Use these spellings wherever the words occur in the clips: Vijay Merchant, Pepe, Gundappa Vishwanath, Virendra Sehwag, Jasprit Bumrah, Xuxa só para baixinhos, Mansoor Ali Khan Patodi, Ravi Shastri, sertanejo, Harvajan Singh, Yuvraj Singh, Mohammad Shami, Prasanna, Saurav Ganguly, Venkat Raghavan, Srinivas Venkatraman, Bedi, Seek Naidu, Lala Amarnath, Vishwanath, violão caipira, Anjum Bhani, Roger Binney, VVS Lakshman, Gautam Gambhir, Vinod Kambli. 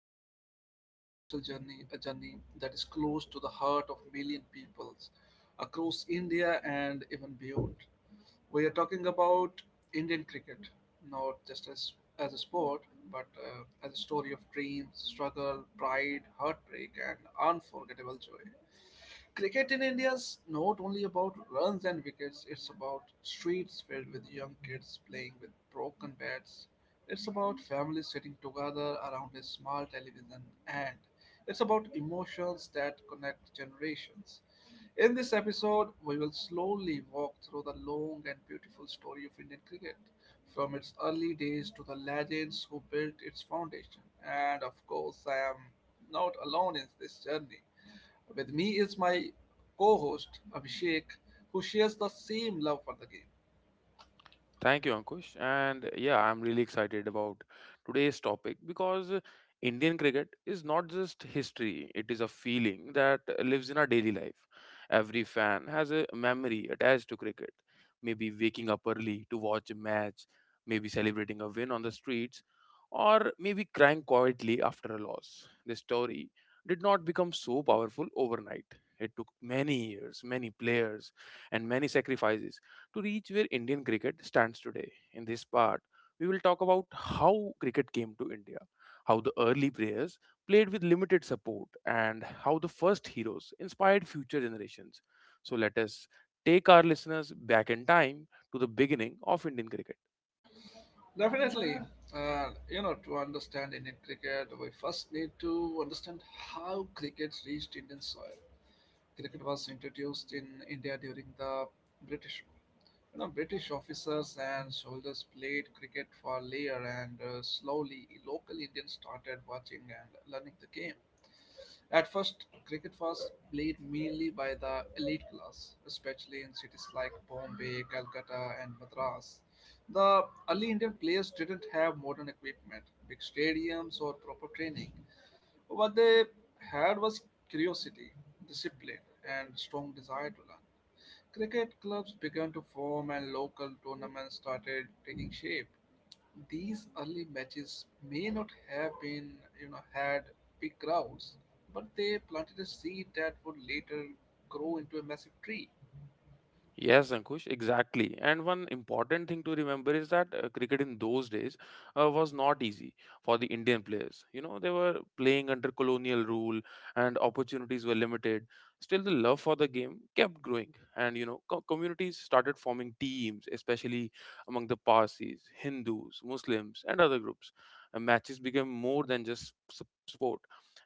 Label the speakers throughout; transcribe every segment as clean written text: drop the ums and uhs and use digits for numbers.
Speaker 1: starting a very special journey, a journey that is close to the heart of million peoples across India and even beyond. We are talking about Indian cricket, not just as a sport, but as a story of dreams, struggle, pride, heartbreak, and unforgettable joy. Cricket in India is not only about runs and wickets, it's about streets filled with young kids playing with broken bats. It's about families sitting together around a small television, and it's about emotions that connect generations. In this episode, we will slowly walk through the long and beautiful story of Indian cricket, from its early days to the legends who built its foundation. And of course, I am not alone in this journey. With me is my co host, Abhishek, who shares the same love for the game.
Speaker 2: Thank you, Ankush. And yeah, I'm really excited about today's topic because Indian cricket is not just history, it is a feeling that lives in our daily life. Every fan has a memory attached to cricket, maybe waking up early to watch a match, maybe celebrating a win on the streets, or maybe crying quietly after a loss. The story did not become so powerful overnight. It took many years, many players, and many sacrifices to reach where Indian cricket stands today. In this part, we will talk about how cricket came to India, how the early players played with limited support, and how the first heroes inspired future generations. So let us take our listeners back in time to the beginning of Indian cricket.
Speaker 1: Definitely, you know, to understand Indian cricket, we first need to understand how cricket reached Indian soil. Cricket was introduced in India during the British rule. You know, British officers and soldiers played cricket for a year, and slowly local Indians started watching and learning the game. At first, cricket was played mainly by the elite class, especially in cities like Bombay, Calcutta, and Madras. The early Indian players didn't have modern equipment, big stadiums, or proper training. What they had was curiosity, discipline, and strong desire to learn. Cricket clubs began to form, and local tournaments started taking shape. These early matches may not have been, you know, had big crowds, but they planted a seed that would later grow into a massive tree.
Speaker 2: Yes, Ankush, exactly. And one important thing to remember is that cricket in those days was not easy for the Indian players. You know, they were playing under colonial rule and opportunities were limited. Still, the love for the game kept growing, and you know, communities started forming teams, especially among the Parsis, Hindus, Muslims, and other groups. And matches became more than just sport.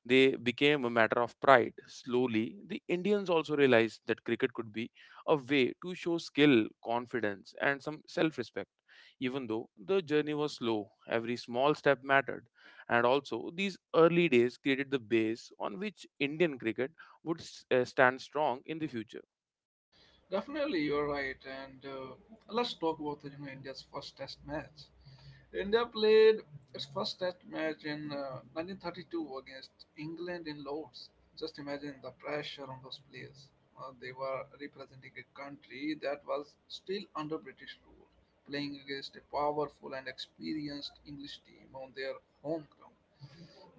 Speaker 2: They became a matter of pride. Slowly, the Indians also realized that cricket could be a way to show skill, confidence, and some self respect. Even though the journey was slow, every small step mattered. And also, these early days created the base on which Indian cricket would stand strong in the future.
Speaker 1: Definitely, you're right. And let's talk about, you know, India's first Test match. India played its first Test match in 1932 against England in Lords. Just imagine the pressure on those players. They were representing a country that was still under British rule, playing against a powerful and experienced English team on their home ground.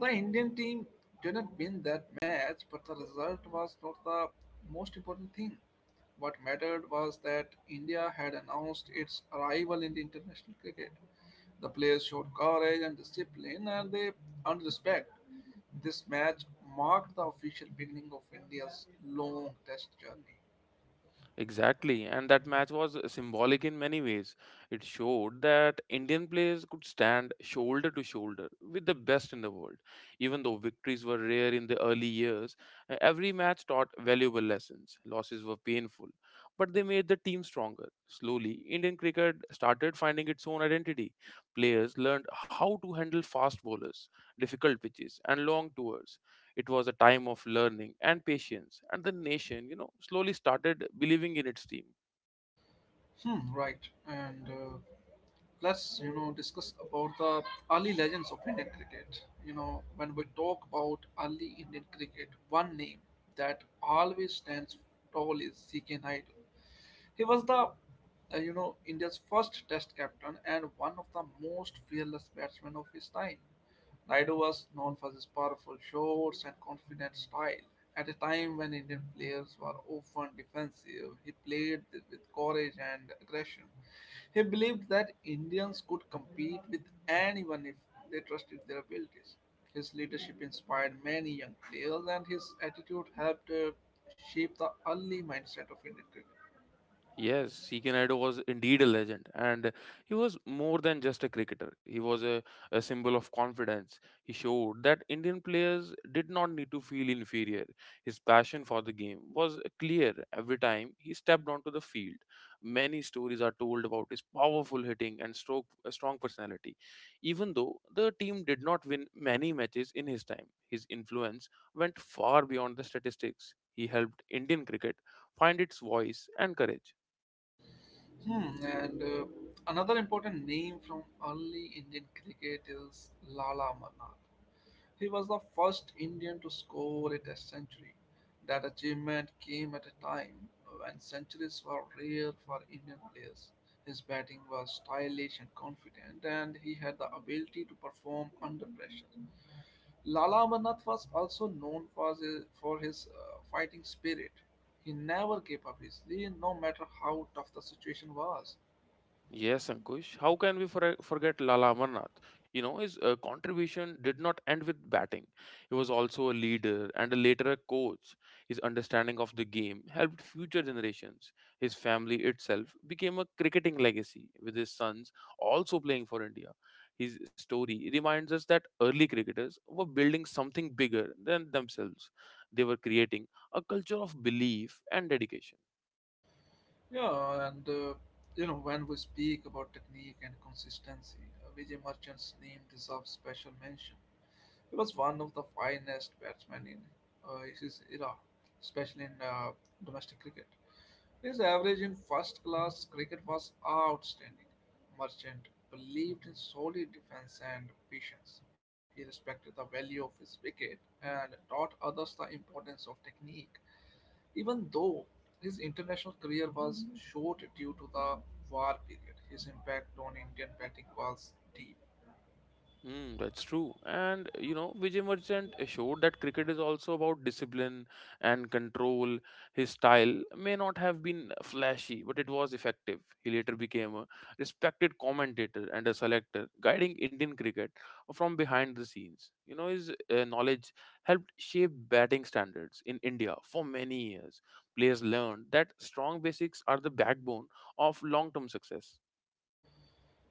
Speaker 1: The Indian team didn't win that match, but the result was not the most important thing. What mattered was that India had announced its arrival in the international cricket. The players showed courage and discipline, and they earned respect. This match marked the official beginning of India's long test journey.
Speaker 2: Exactly, and that match was symbolic in many ways. It showed that Indian players could stand shoulder to shoulder with the best in the world. Even though victories were rare in the early years, every match taught valuable lessons. Losses were painful, but they made the team stronger. Slowly, Indian cricket started finding its own identity. Players learned how to handle fast bowlers, difficult pitches, and long tours. It was a time of learning and patience, and the nation, you know, slowly started believing in its team.
Speaker 1: Hmm, right. And let's, you know, discuss about the early legends of Indian cricket. You know, when we talk about early Indian cricket, one name that always stands tall is C.K. Naid. He was the, you know, India's first test captain and one of the most fearless batsmen of his time. Naidu was known for his powerful shots and confident style. At a time when Indian players were often defensive, he played with courage and aggression. He believed that Indians could compete with anyone if they trusted their abilities. His leadership inspired many young players, and his attitude helped shape the early mindset of Indian cricket.
Speaker 2: Yes, Seek Naidu was indeed a legend, and he was more than just a cricketer. He was a symbol of confidence. He showed that Indian players did not need to feel inferior. His passion for the game was clear every time he stepped onto the field. Many stories are told about his powerful hitting and stroke, a strong personality. Even though the team did not win many matches in his time, his influence went far beyond the statistics. He helped Indian cricket find its voice and courage.
Speaker 1: Hmm, and another important name from early Indian cricket is Lala Amarnath. He was the first Indian to score a Test century. That achievement came at a time when centuries were rare for Indian players. His batting was stylish and confident, and he had the ability to perform under pressure. Lala Amarnath was also known for his, for his fighting spirit. He never gave up easily, no matter how tough the situation was.
Speaker 2: Yes, Ankush. How can we forget Lala Amarnath? You know, his contribution did not end with batting. He was also a leader and a later a coach. His understanding of the game helped future generations. His family itself became a cricketing legacy, with his sons also playing for India. His story reminds us that early cricketers were building something bigger than themselves. They were creating a culture of belief and dedication.
Speaker 1: Yeah, and you know, when we speak about technique and consistency, Vijay Merchant's name deserves special mention. He was one of the finest batsmen in his era, especially in domestic cricket. His average in first class cricket was outstanding. Merchant believed in solid defense and patience. He respected the value of his wicket and taught others the importance of technique. Even though his international career was short due to the war period, his impact on Indian batting was deep.
Speaker 2: Hmm, that's true. And you know, Vijay Merchant showed that cricket is also about discipline and control. His style may not have been flashy, but it was effective. He later became a respected commentator and a selector, guiding Indian cricket from behind the scenes. You know, his knowledge helped shape batting standards in India for many years. Players learned that strong basics are the backbone of long term success.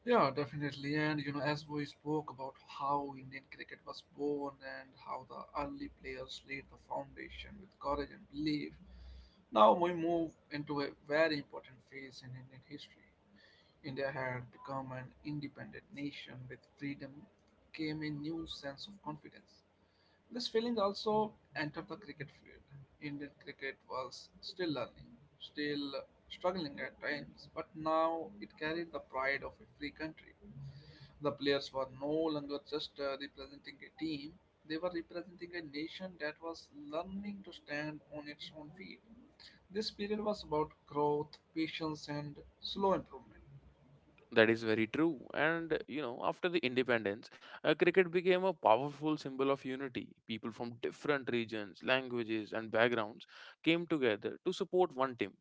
Speaker 1: Yeah, definitely. And you know, as we spoke about how Indian cricket was born and how the early players laid the foundation with courage and belief, now we move into a very important phase in Indian history. India had become an independent nation with freedom came a new sense of confidence. This feeling also entered the cricket field. Indian cricket was still learning, still struggling at times, but now it carried the pride of a free country. The players were no longer just representing a team, they were representing a nation that was learning to stand on its own feet. This period was about growth, patience, and slow improvement.
Speaker 2: That is very true. And, you know, after the independence, cricket became a powerful symbol of unity. People from different regions, languages, and backgrounds came together to support one team.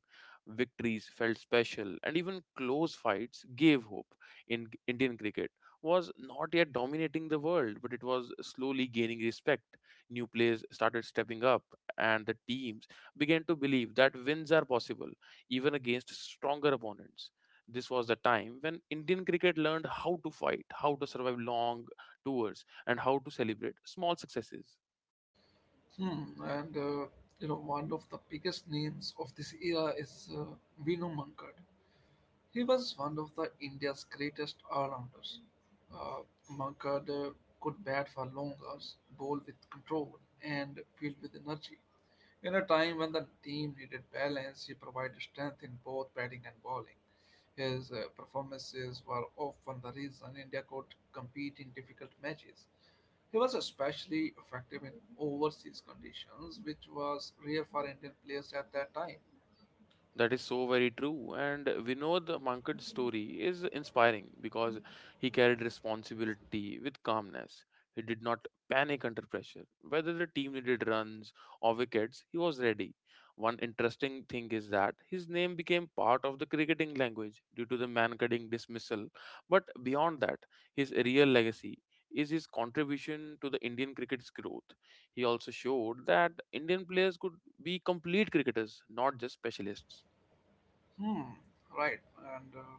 Speaker 2: Victories felt special, and even close fights gave hope. In Indian cricket was not yet dominating the world, but it was slowly gaining respect. New players started stepping up, and the teams began to believe that wins are possible, even against stronger opponents. This was the time when Indian cricket learned how to fight, how to survive long tours, and how to celebrate small successes.
Speaker 1: Hmm, and you know, one of the biggest names of this era is Vinu Mankad. He was one of the India's greatest all-rounders. Uh, Mankad could bat for long hours, bowl with control, and field with energy. In a time when the team needed balance, he provided strength in both batting and bowling. His performances were often the reason India could compete in difficult matches. He was especially effective in overseas conditions, which was rare for Indian players at that time.
Speaker 2: That is so very true. And Vinod Mankad's story is inspiring because he carried responsibility with calmness. He did not panic under pressure. Whether the team needed runs or wickets, he was ready. One interesting thing is that his name became part of the cricketing language due to the man cutting dismissal. But beyond that, his real legacy is his contribution to the Indian cricket's growth. He also showed that Indian players could be complete cricketers, not just specialists.
Speaker 1: Hmm, right. And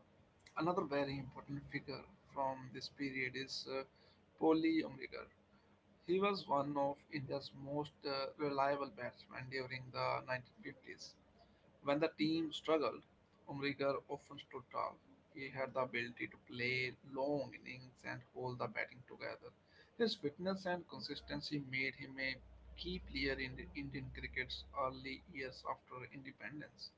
Speaker 1: another very important figure from this period is Poli Umrigar. He was one of India's most reliable batsmen during the 1950s. When the team struggled, Umrigar often stood tall. He had the ability to play long innings and hold the batting together. His fitness and consistency made him a key player in the Indian cricket's early years after independence.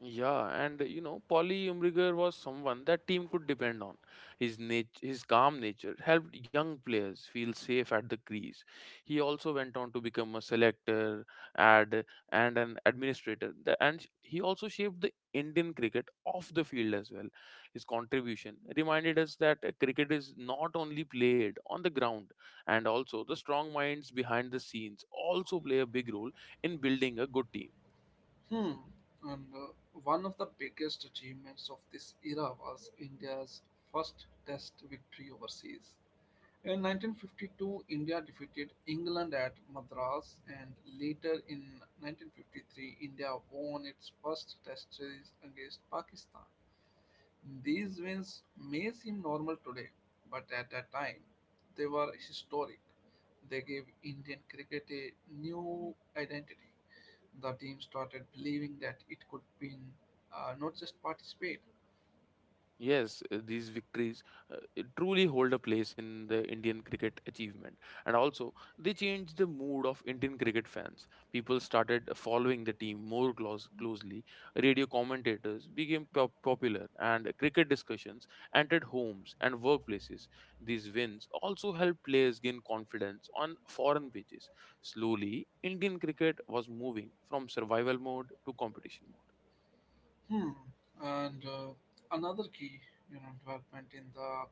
Speaker 2: Yeah, and you know, Polly Umbriger was someone that team could depend on. His his calm nature helped young players feel safe at the crease. He also went on to become a selector, ad, and an administrator. And he also shaped the Indian cricket off the field as well. His contribution reminded us that cricket is not only played on the ground, and also the strong minds behind the scenes also play a big role in building a good team.
Speaker 1: Hmm. And one of the biggest achievements of this era was India's first test victory overseas. In 1952, India defeated England at Madras, and later in 1953, India won its first test series against Pakistan. These wins may seem normal today, but at that time they were historic. They gave Indian cricket a new identity. The team started believing that it could win, not just participate.
Speaker 2: Yes, these victories uh, truly hold a place in the Indian cricket achievement, and also they changed the mood of Indian cricket fans. People started following the team more closely. Radio commentators became popular, and cricket discussions entered homes and workplaces. These wins also helped players gain confidence on foreign pitches. Slowly, Indian cricket was moving from survival mode to competition mode.
Speaker 1: Hmm. And another key, you know, development in the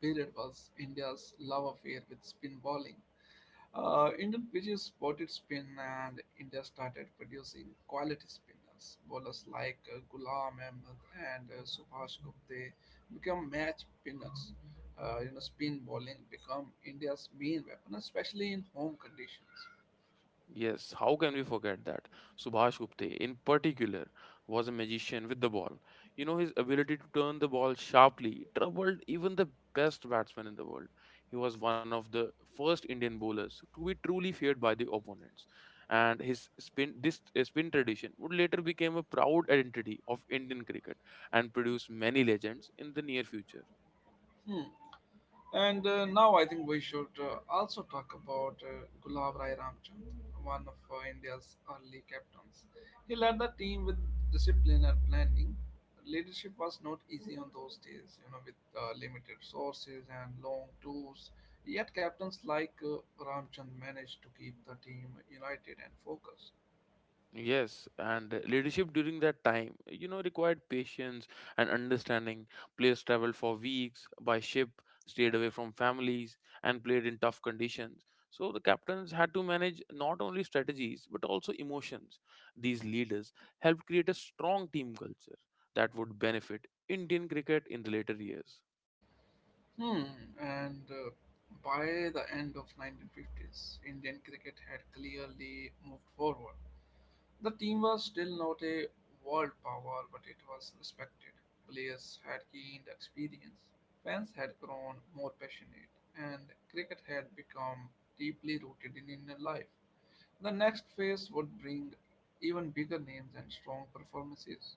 Speaker 1: period was India's love affair with spin bowling. Indian pitches spotted spin and India started producing quality spinners. Bowlers like Ghulam Ahmed and Subhash Gupte become match spinners. You know, spin bowling become India's main weapon, especially in home conditions.
Speaker 2: Yes, how can we forget that? Subhash Gupte, in particular, was a magician with the ball. You know, his ability to turn the ball sharply troubled even the best batsmen in the world. He was one of the first Indian bowlers to be truly feared by the opponents. And his spin, this spin tradition would later become a proud identity of Indian cricket and produce many legends in the near future.
Speaker 1: Hmm. And now I think we should, also talk about Gulab Rai Ramchand, one of India's early captains. He led the team with discipline and planning. Leadership was not easy on those days, you know, with limited sources and long tours. Yet captains like Ramchand managed to keep the team united and focused.
Speaker 2: Yes, and leadership during that time, you know, required patience and understanding. Players traveled for weeks by ship, stayed away from families, and played in tough conditions. So the captains had to manage not only strategies but also emotions. These leaders helped create a strong team culture that would benefit Indian cricket in the later years.
Speaker 1: Hmm. And by the end of 1950s, Indian cricket had clearly moved forward. The team was still not a world power, but it was respected. Players had gained experience, fans had grown more passionate, and cricket had become deeply rooted in Indian life. The next phase would bring even bigger names and strong performances.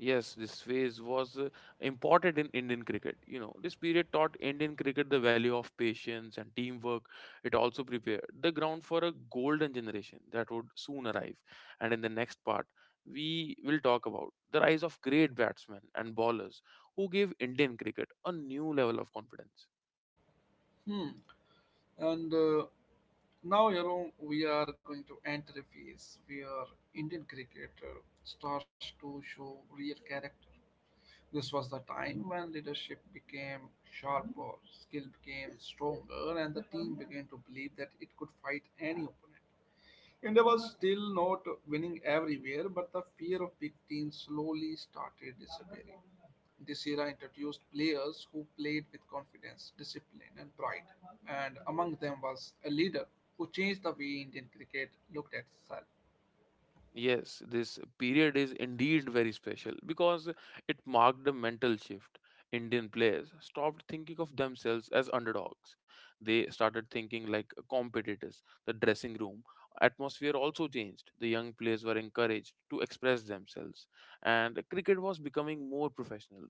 Speaker 2: Yes, this phase was important in Indian cricket. You know, this period taught Indian cricket the value of patience and teamwork. It also prepared the ground for a golden generation that would soon arrive. And in the next part, we will talk about the rise of great batsmen and bowlers who gave Indian cricket a new level of confidence.
Speaker 1: Hmm. And now, you know, we are going to enter a phase where Indian cricket starts to show real character. This was the time when leadership became sharper, skill became stronger, and the team began to believe that it could fight any opponent. India was still not winning everywhere, but the fear of big teams slowly started disappearing. This era introduced players who played with confidence, discipline, and pride, and among them was a leader who changed the way Indian cricket looked at itself.
Speaker 2: Yes, this period is indeed very special because it marked a mental shift. Indian players stopped thinking of themselves as underdogs. They started thinking like competitors. The dressing room atmosphere also changed. The young players were encouraged to express themselves, and cricket was becoming more professional,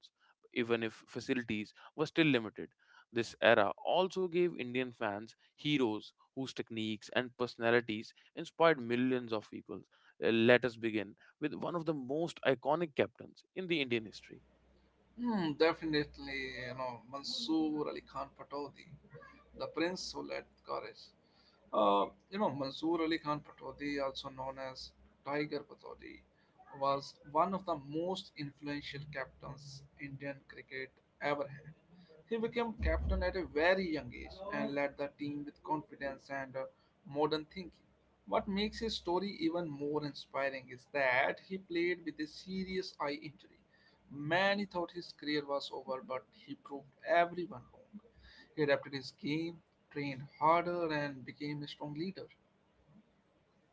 Speaker 2: even if facilities were still limited. This era also gave Indian fans heroes whose techniques and personalities inspired millions of people. Let us begin with one of the most iconic captains in the Indian history.
Speaker 1: Hmm, definitely, you know, Mansoor Ali Khan Patodi, the prince who led courage. You know, Mansoor Ali Khan Patodi, also known as Tiger Patodi, was one of the most influential captains Indian cricket ever had. He became captain at a very young age and led the team with confidence and modern thinking. What makes his story even more inspiring is that he played with a serious eye injury. Many thought his career was over, but he proved everyone wrong. He adapted his game, trained harder, and became a strong leader.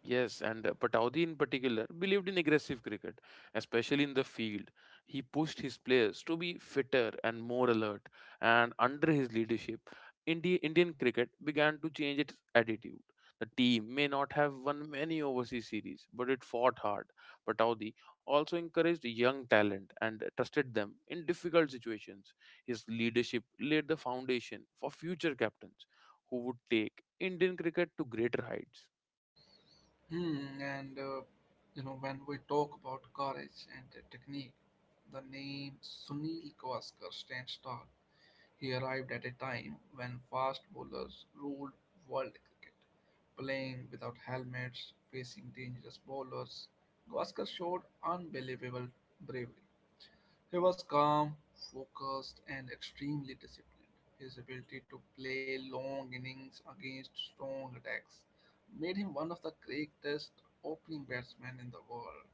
Speaker 2: Yes, and Pataudi in particular believed in aggressive cricket, especially in the field. He pushed his players to be fitter and more alert, and under his leadership, Indian cricket began to change its attitude. The team may not have won many overseas series, but it fought hard. Pataudi also encouraged young talent and trusted them in difficult situations. His leadership laid the foundation for future captains who would take Indian cricket to greater heights.
Speaker 1: Hmm, and you know, when we talk about courage and the technique, the name Sunil Gavaskar stands tall. He arrived at a time when fast bowlers ruled world cricket, playing without helmets, facing dangerous bowlers. Gavaskar showed unbelievable bravery. He was calm, focused, and extremely disciplined. His ability to play long innings against strong attacks made him one of the greatest opening batsmen in the world.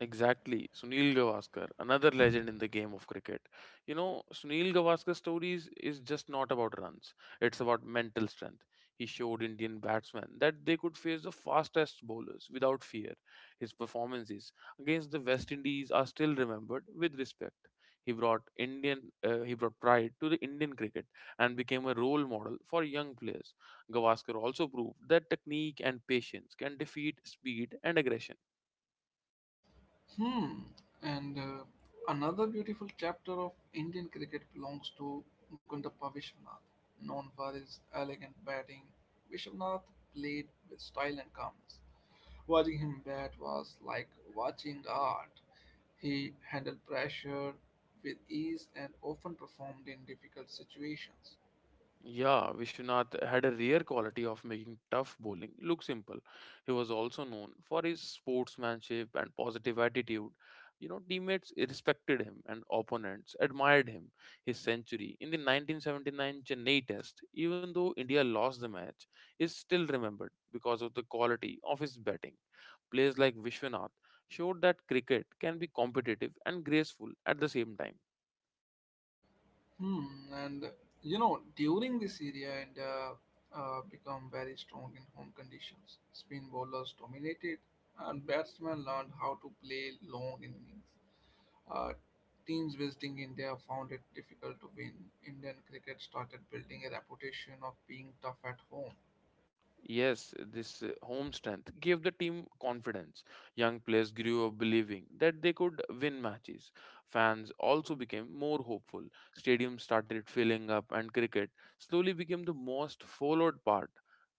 Speaker 2: Exactly. Sunil Gavaskar, another legend in the game of cricket. You know, Sunil Gavaskar's stories is just not about runs. It's about mental strength. He showed Indian batsmen that they could face the fastest bowlers without fear. His performances against the West Indies are still remembered with respect. He brought Indian he brought pride to the Indian cricket and became a role model for young players. Gavaskar also proved that technique and patience can defeat speed and aggression.
Speaker 1: Hmm. And another beautiful chapter of Indian cricket belongs to Gundappa Vishwanath. Known for his elegant batting, Vishwanath played with style and calmness. Watching him bat was like watching art. He handled pressure with ease and often performed in difficult situations.
Speaker 2: Yeah, Vishwanath had a rare quality of making tough bowling look simple. He was also known for his sportsmanship and positive attitude. You know, teammates respected him and opponents admired him. His century in the 1979 Chennai Test, even though India lost the match, is still remembered because of the quality of his batting. Players like Vishwanath showed that cricket can be competitive and graceful at the same time.
Speaker 1: Hmm, and you know, during this area and become very strong in home conditions. Spin bowlers dominated, and batsmen learned how to play long innings. Uh, teams visiting India found it difficult to win. Indian cricket started building a reputation of being tough at home.
Speaker 2: Yes, this home strength gave the team confidence. Young players grew up believing that they could win matches. Fans also became more hopeful. Stadiums started filling up, and cricket slowly became the most followed part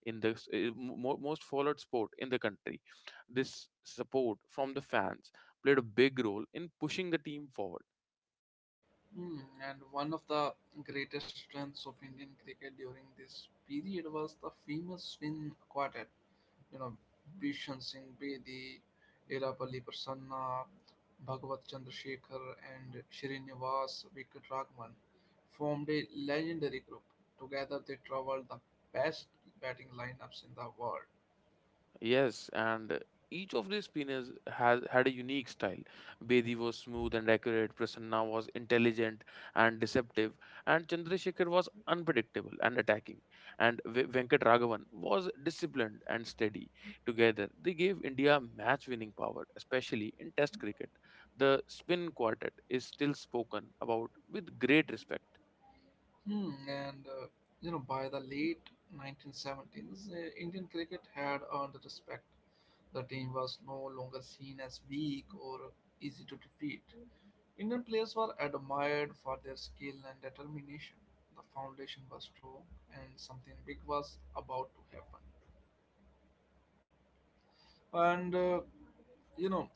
Speaker 2: in the most followed sport in the country. This support from the fans played a big role in pushing the team forward.
Speaker 1: Hmm. And one of the greatest strengths of Indian cricket during this period was the famous spin quartet. You know, Bishan Singh Bedi, Irapalli Prasanna, Bhagavat Chandrasekhar, and Srinivas Venkatraman formed a legendary group. Together, they traveled the best batting lineups in the world.
Speaker 2: Yes, and each of these spinners has had a unique style. Bedi was smooth and accurate, Prasanna was intelligent and deceptive, and Chandrasekhar was unpredictable and attacking, and Venkat Raghavan was disciplined and steady. Together, they gave India match-winning power, especially in Test cricket. The spin quartet is still spoken about with great respect.
Speaker 1: Hmm, and uh, by the late 1970s, Indian cricket had earned the respect. The team was no longer seen as weak or easy to defeat. Indian players were admired for their skill and determination. The foundation was strong, and something big was about to happen, and you know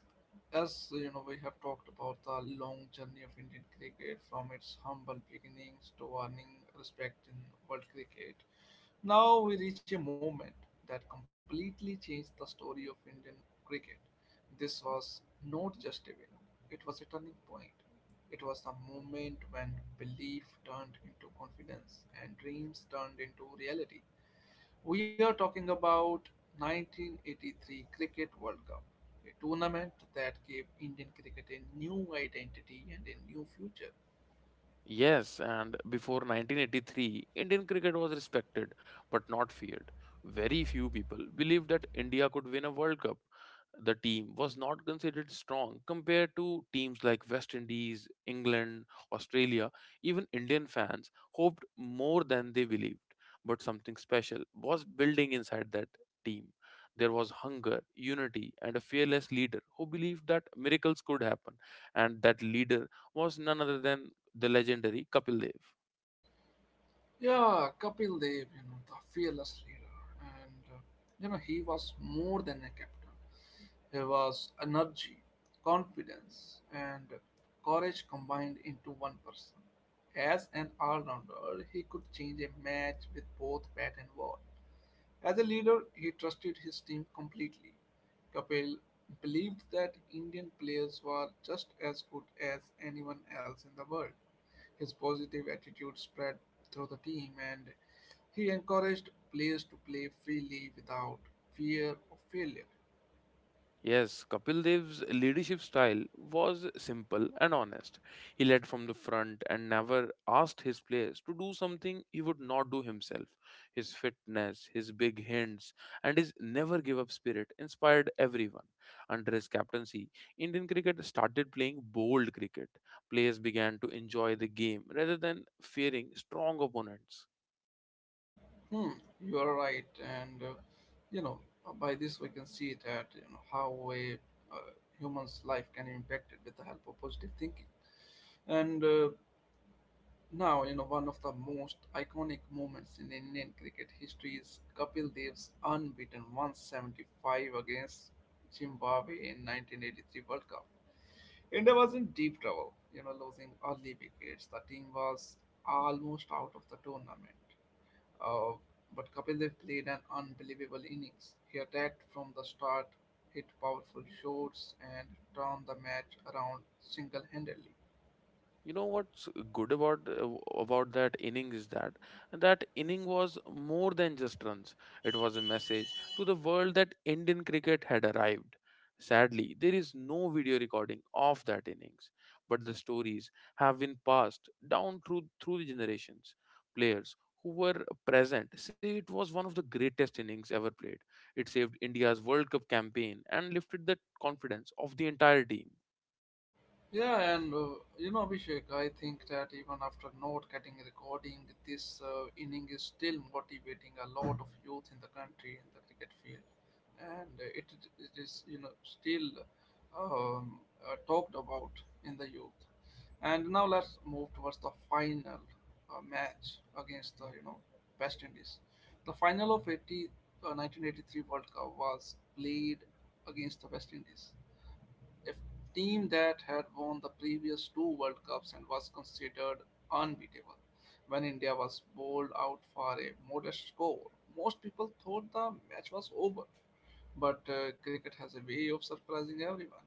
Speaker 1: as you know we have talked about the long journey of Indian cricket from its humble beginnings to earning respect in world cricket. Now we reach a moment that completely changed the story of Indian cricket. This was not just a win, it was a turning point. It was the moment when belief turned into confidence and dreams turned into reality. We are talking about 1983 Cricket World Cup, a tournament that gave Indian cricket a new identity and a new future.
Speaker 2: Yes, and before 1983, Indian cricket was respected but not feared. Very few people believed that India could win a World Cup. The team was not considered strong compared to teams like West Indies, England, Australia. Even Indian fans hoped more than they believed. But something special was building inside that team. There was hunger, unity, and a fearless leader who believed that miracles could happen. And that leader was none other than the legendary Kapil Dev.
Speaker 1: Yeah, Kapil Dev, the fearless leader, and he was more than a captain. He was energy, confidence, and courage combined into one person. As an all rounder, he could change a match with both bat and ball. As a leader, he trusted his team completely. Kapil believed that Indian players were just as good as anyone else in the world. His positive attitude spread through the team, and he encouraged players to play freely without fear of failure.
Speaker 2: Yes, Kapil Dev's leadership style was simple and honest. He led from the front and never asked his players to do something he would not do himself. His fitness, his big hints, and his never give up spirit inspired everyone. Under his captaincy, Indian cricket started playing bold cricket. Players began to enjoy the game rather than fearing strong opponents.
Speaker 1: Hmm, you are right, and you know by this we can see that how a uh, human's life can be impacted with the help of positive thinking. And now, one of the most iconic moments in Indian cricket history is Kapil Dev's unbeaten 175 against Zimbabwe in 1983 World Cup. India was in deep trouble, losing early wickets. The team was almost out of the tournament. Uh, but Kapil Dev played an unbelievable innings. He attacked from the start, hit powerful shots, and turned the match around single-handedly.
Speaker 2: You know what's good about that inning is that that inning was more than just runs. It was a message to the world that Indian cricket had arrived. Sadly, there is no video recording of that innings, but the stories have been passed down through the generations. Players who were present say it was one of the greatest innings ever played. It saved India's World Cup campaign and lifted the confidence of the entire team.
Speaker 1: Yeah, and Abhishek, I think that even after not getting recording, this inning is still motivating a lot of youth in the country in the cricket field, and it is still um, talked about in the youth. And now let's move towards the final match against the West Indies. The final of 1983 World Cup was played against the West Indies, a team that had won the previous two World Cups and was considered unbeatable. When India was bowled out for a modest score, most people thought the match was over. But cricket has a way of surprising everyone.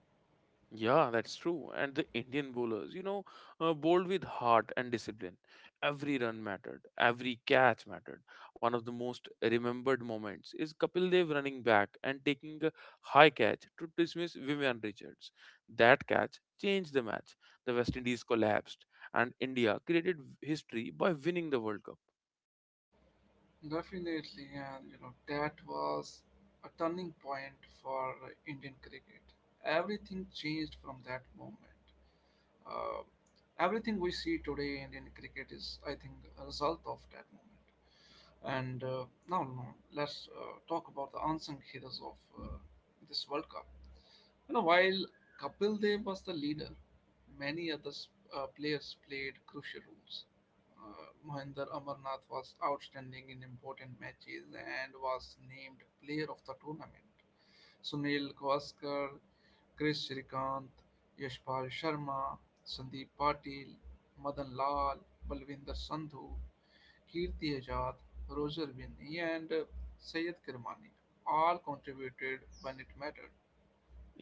Speaker 2: Yeah, that's true. And the Indian bowlers, bowled with heart and discipline. Every run mattered, every catch mattered. One of the most remembered moments is Kapil Dev running back and taking a high catch to dismiss Vivian Richards. That catch changed the match. The West Indies collapsed, and India created history by winning the World Cup.
Speaker 1: Definitely, and that was a turning point for Indian cricket. Everything changed from that moment. Uh, Everything we see today in Indian cricket is, I think, a result of that moment. And now, let's talk about the unsung heroes of uh, this World Cup. While Kapil Dev was the leader, many other players played crucial roles. Mohinder Amarnath was outstanding in important matches and was named player of the tournament. Sunil Gavaskar, Chris Shrikant, Yashpal Sharma, Sandeep Patil, Madan Lal, Balvinder Sandhu, Kirti Ajad, Roger Binney, and Syed Kirmani all contributed when it mattered.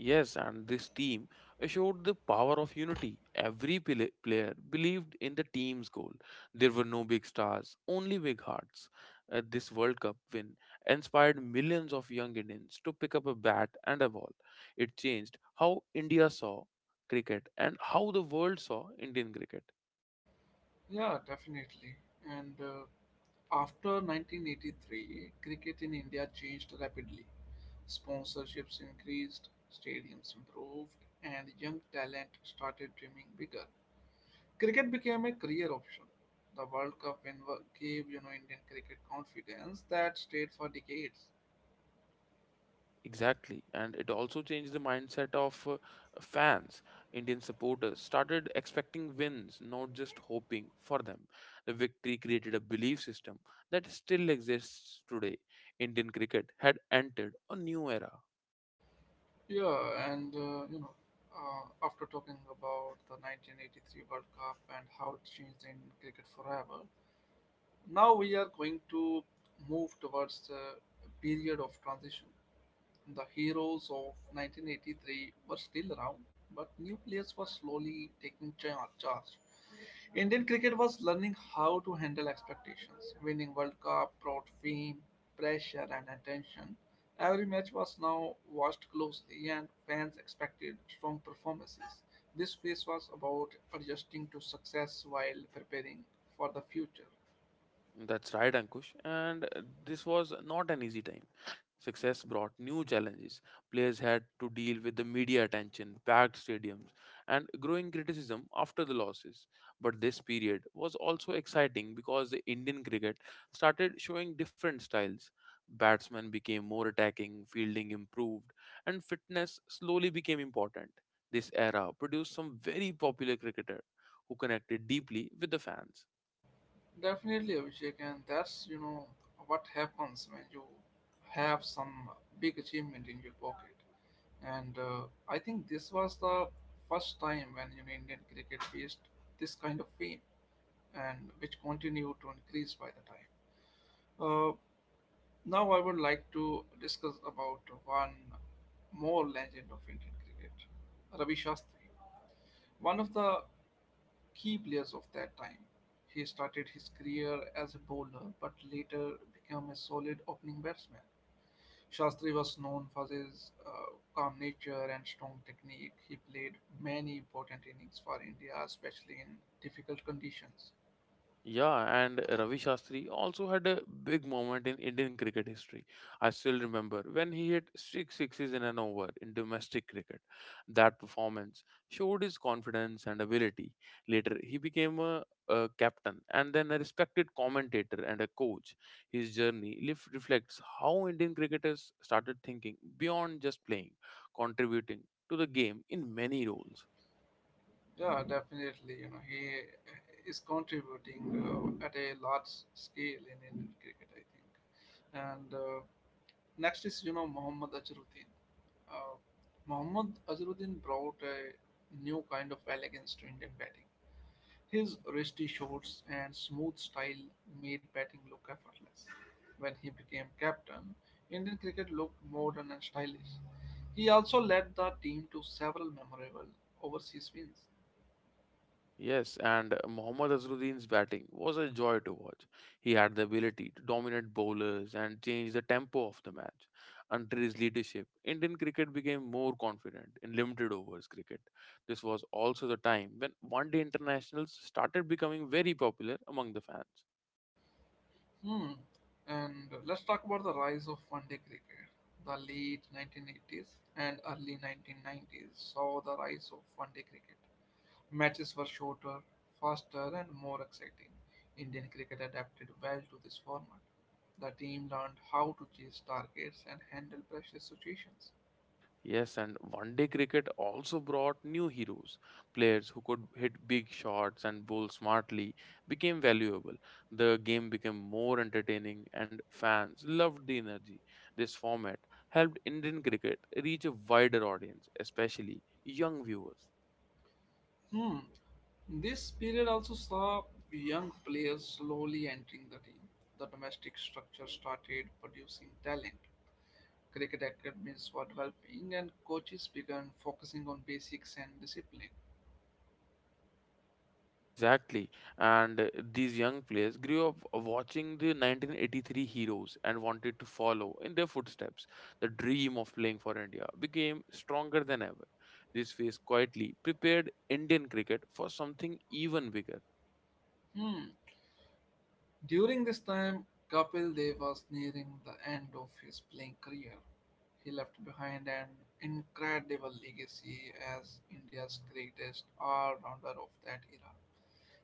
Speaker 2: Yes, and this team showed the power of unity. Every player believed in the team's goal. There were no big stars, only big hearts. This World Cup win inspired millions of young Indians to pick up a bat and a ball. It changed how India saw cricket and how the world saw Indian cricket.
Speaker 1: Yeah, definitely. And after 1983, cricket in India changed rapidly. Sponsorships increased, stadiums improved, and young talent started dreaming bigger. Cricket became a career option. The World Cup win gave Indian cricket confidence that stayed for decades.
Speaker 2: Exactly, and it also changed the mindset of fans. Indian supporters started expecting wins, not just hoping for them. The victory created a belief system that still exists today. Indian cricket had entered a new era.
Speaker 1: Yeah, and after talking about the 1983 World Cup and how it changed in cricket forever, now we are going to move towards the period of transition. The heroes of 1983 were still around, but new players were slowly taking charge. Indian cricket was learning how to handle expectations. Winning World Cup brought fame, pressure, and attention. Every match was now watched closely, and fans expected strong performances. This phase was about adjusting to success while preparing for the future.
Speaker 2: That's right, Ankush, and this was not an easy time. Success brought new challenges. Players had to deal with the media attention, packed stadiums, and growing criticism after the losses. But this period was also exciting because the Indian cricket started showing different styles. Batsmen became more attacking, fielding improved, and fitness slowly became important. This era produced some very popular cricketer who connected deeply with the fans.
Speaker 1: Definitely, Abhishek, and that's what happens when you have some big achievement in your pocket. And I think this was the first time when Indian cricket faced this kind of fame, and which continued to increase by the time. Uh, Now I would like to discuss about one more legend of Indian cricket, Ravi Shastri. One of the key players of that time. He started his career as a bowler but later became a solid opening batsman. Shastri was known for his calm nature and strong technique. He played many important innings for India, especially in difficult conditions.
Speaker 2: Yeah, and Ravi Shastri also had a big moment in Indian cricket history. I still remember when he hit six sixes in an over in domestic cricket. That performance showed his confidence and ability. Later, he became a captain and then a respected commentator and a coach. His reflects how Indian cricketers started thinking beyond just playing, contributing to the game in many roles.
Speaker 1: Yeah, definitely. He is contributing at a large scale in Indian cricket, I think. And next is Muhammad Azharuddin. Uh, Muhammad Azharuddin brought a new kind of elegance to Indian batting. His wristy shots and smooth style made batting look effortless. When he became captain, Indian cricket looked modern and stylish. He also led the team to several memorable overseas wins.
Speaker 2: Yes, and Mohammad Azharuddin's batting was a joy to watch. He had the ability to dominate bowlers and change the tempo of the match. Under his leadership, Indian cricket became more confident in limited overs cricket. This was also the time when one day internationals started becoming very popular among the fans.
Speaker 1: Hmm. And let's talk about the rise of one day cricket. The late 1980s and early 1990s saw the rise of one day cricket. Matches were shorter, faster, and more exciting. Indian cricket adapted well to this format. The team learned how to chase targets and handle pressure situations.
Speaker 2: Yes, and one day cricket also brought new heroes. Players who could hit big shots and bowl smartly became valuable. The game became more entertaining, and fans loved the energy. This format helped Indian cricket reach a wider audience, especially young viewers.
Speaker 1: Hmm. This period also saw young players slowly entering the team. The domestic structure started producing talent. Cricket academies were developing and coaches began focusing on basics and discipline.
Speaker 2: Exactly. And these young players grew up watching the 1983 heroes and wanted to follow in their footsteps. The dream of playing for India became stronger than ever. This phase quietly prepared Indian cricket for something even bigger.
Speaker 1: Hmm. During this time, Kapil Dev was nearing the end of his playing career. He left behind an incredible legacy as India's greatest all-rounder of that era.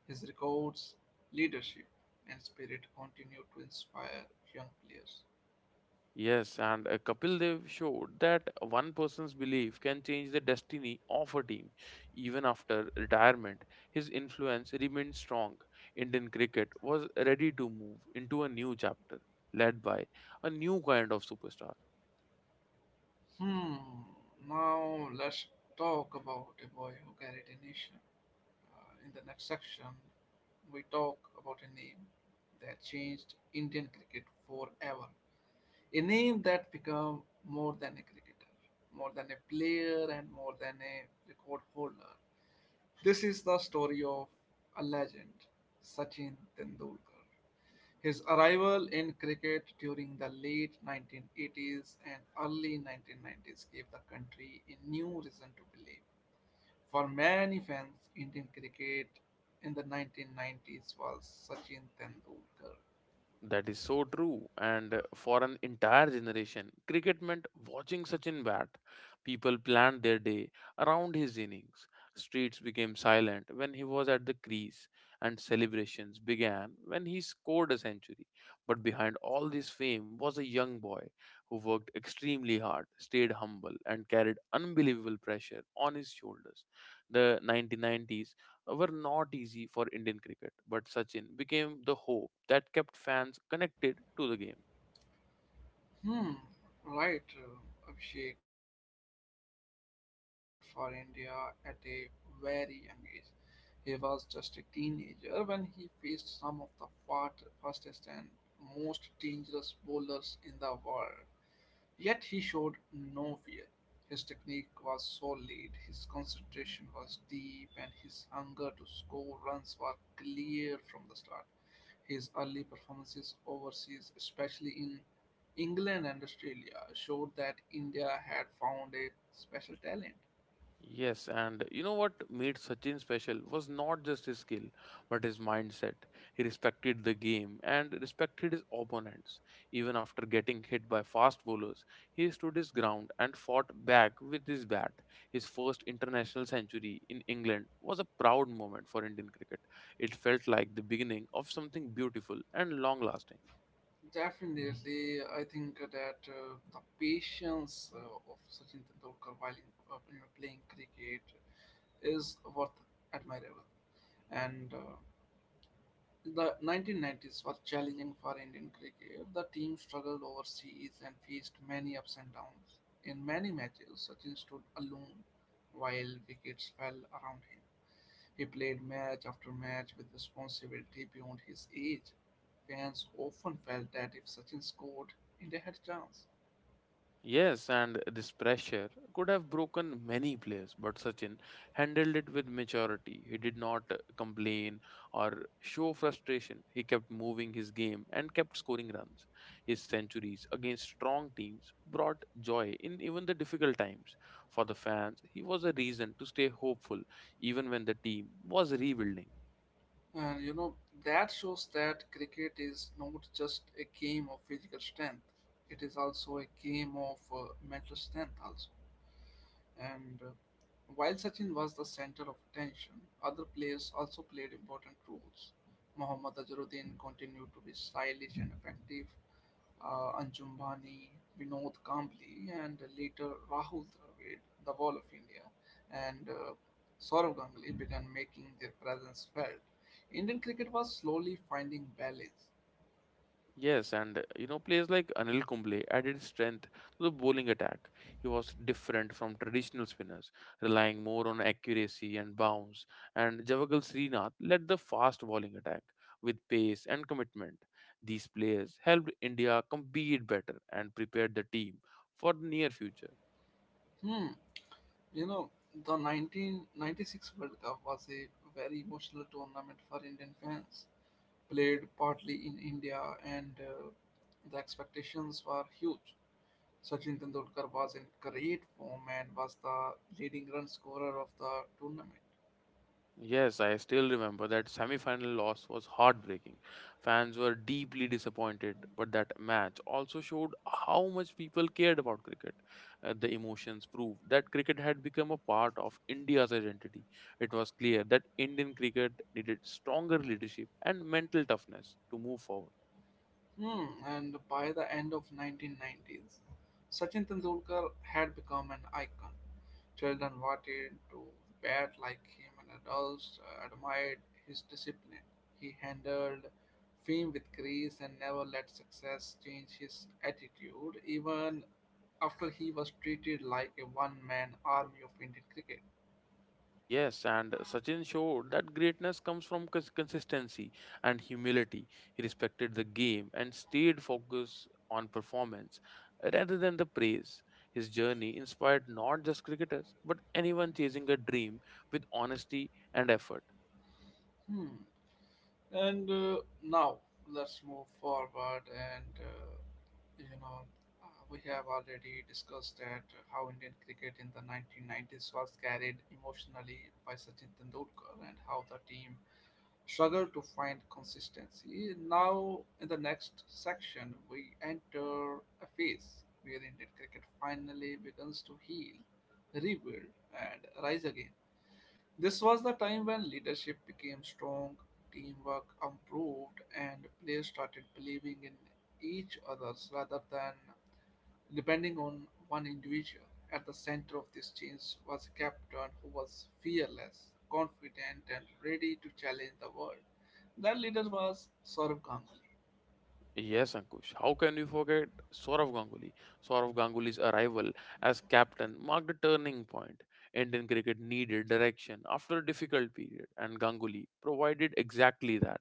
Speaker 1: His records, leadership, and spirit continue to inspire young players.
Speaker 2: Yes, and Kapil Dev showed that one person's belief can change the destiny of a team. Even after retirement, his influence remained strong. Indian cricket was ready to move into a new chapter, led by a new kind of superstar.
Speaker 1: Hmm. Now let's talk about a boy who carried a nation. In the next section, we talk about a name that changed Indian cricket forever. A name that became more than a cricketer, more than a player, and more than a record holder. This is the story of a legend, Sachin Tendulkar. His arrival in cricket during the late 1980s and early 1990s gave the country a new reason to believe. For many fans, Indian cricket in the 1990s was Sachin Tendulkar.
Speaker 2: That is so true. And for an entire generation, cricket meant watching Sachin bat. People planned their day around his innings. Streets became silent when he was at the crease, and celebrations began when he scored a century. But behind all this fame was a young boy who worked extremely hard, stayed humble, and carried unbelievable pressure on his shoulders. The 1990s were not easy for Indian cricket, but Sachin became the hope that kept fans connected to the game.
Speaker 1: Hmm, right, Abhishek. Sachin Tendulkar made his debut for India at a very young age. He was just a teenager when he faced some of the fastest and most dangerous bowlers in the world. Yet he showed no fear. His technique was solid, his concentration was deep, and his hunger to score runs were clear from the start. His early performances overseas, especially in England and Australia showed that India had found a special talent.
Speaker 2: Yes, and you know what made Sachin special was not just his skill, but his mindset. He respected the game and respected his opponents. Even after getting hit by fast bowlers, he stood his ground and fought back with his bat. His first international century in England was a proud moment for Indian cricket. It felt like the beginning of something beautiful and long lasting.
Speaker 1: Definitely, I think that the patience of Sachin Tendulkar while in, playing cricket is worth admirable. And the 1990s were challenging for Indian cricket. The team struggled overseas and faced many ups and downs. In many matches, Sachin stood alone while wickets fell around him. He played match after match with responsibility beyond his age. Fans often felt that if Sachin scored, India had a chance.
Speaker 2: Yes, and this pressure could have broken many players, but Sachin handled it with maturity. He did not complain or show frustration. He kept moving his game and kept scoring runs. His centuries against strong teams brought joy in even the difficult times. For the fans, he was a reason to stay hopeful even when the team was rebuilding.
Speaker 1: And that shows that cricket is not just a game of physical strength, it is also a game of mental strength, also. And while Sachin was the center of attention, other players also played important roles. Mohammad Azharuddin continued to be stylish and effective. Anjum Bhani, Vinod Kambli, and later Rahul Dravid, the Wall of India, and Saurav Ganguly began making their presence felt. Indian cricket was slowly finding balance.
Speaker 2: Yes, and you know, players like Anil Kumble added strength to the bowling attack. He was different from traditional spinners, relying more on accuracy and bounce. And Javagal Srinath led the fast bowling attack with pace and commitment. These players helped India compete better and prepared the team for the near future.
Speaker 1: Hmm, you know, the 1996 World Cup was a very emotional tournament for Indian fans, played partly in India, and the expectations were huge. Sachin Tendulkar was in great form and was the leading run scorer of the tournament.
Speaker 2: Yes, I still remember that semi-final loss was heartbreaking. Fans were deeply disappointed, but that match also showed how much people cared about cricket. The emotions proved that cricket had become a part of India's identity. It was clear that Indian cricket needed stronger leadership and mental toughness to move forward.
Speaker 1: And by the end of 1990s, Sachin Tendulkar had become an icon. Children wanted to bat like him, and adults admired his discipline. He handled fame with grace and never let success change his attitude, even after he was treated like a one man army of Indian cricket.
Speaker 2: Yes, and Sachin showed that greatness comes from consistency and humility. He respected the game and stayed focused on performance rather than the praise. His journey inspired not just cricketers but anyone chasing a dream with honesty and effort.
Speaker 1: Hmm. And now let's move forward. You know, we have already discussed that how Indian cricket in the 1990s was carried emotionally by Sachin Tendulkar and how the team struggled to find consistency. Now, in the next section, we enter a phase where Indian cricket finally begins to heal, rebuild, and rise again. This was the time when leadership became strong, teamwork improved, and players started believing in each other's rather than depending on one individual. At the center of this change was a captain who was fearless, confident, and ready to challenge the world. That leader was Saurabh Ganguly.
Speaker 2: Yes, Ankush. How can you forget Saurav Ganguly? Saurav Ganguly's arrival as captain marked a turning point. Indian cricket needed direction after a difficult period, and Ganguly provided exactly that.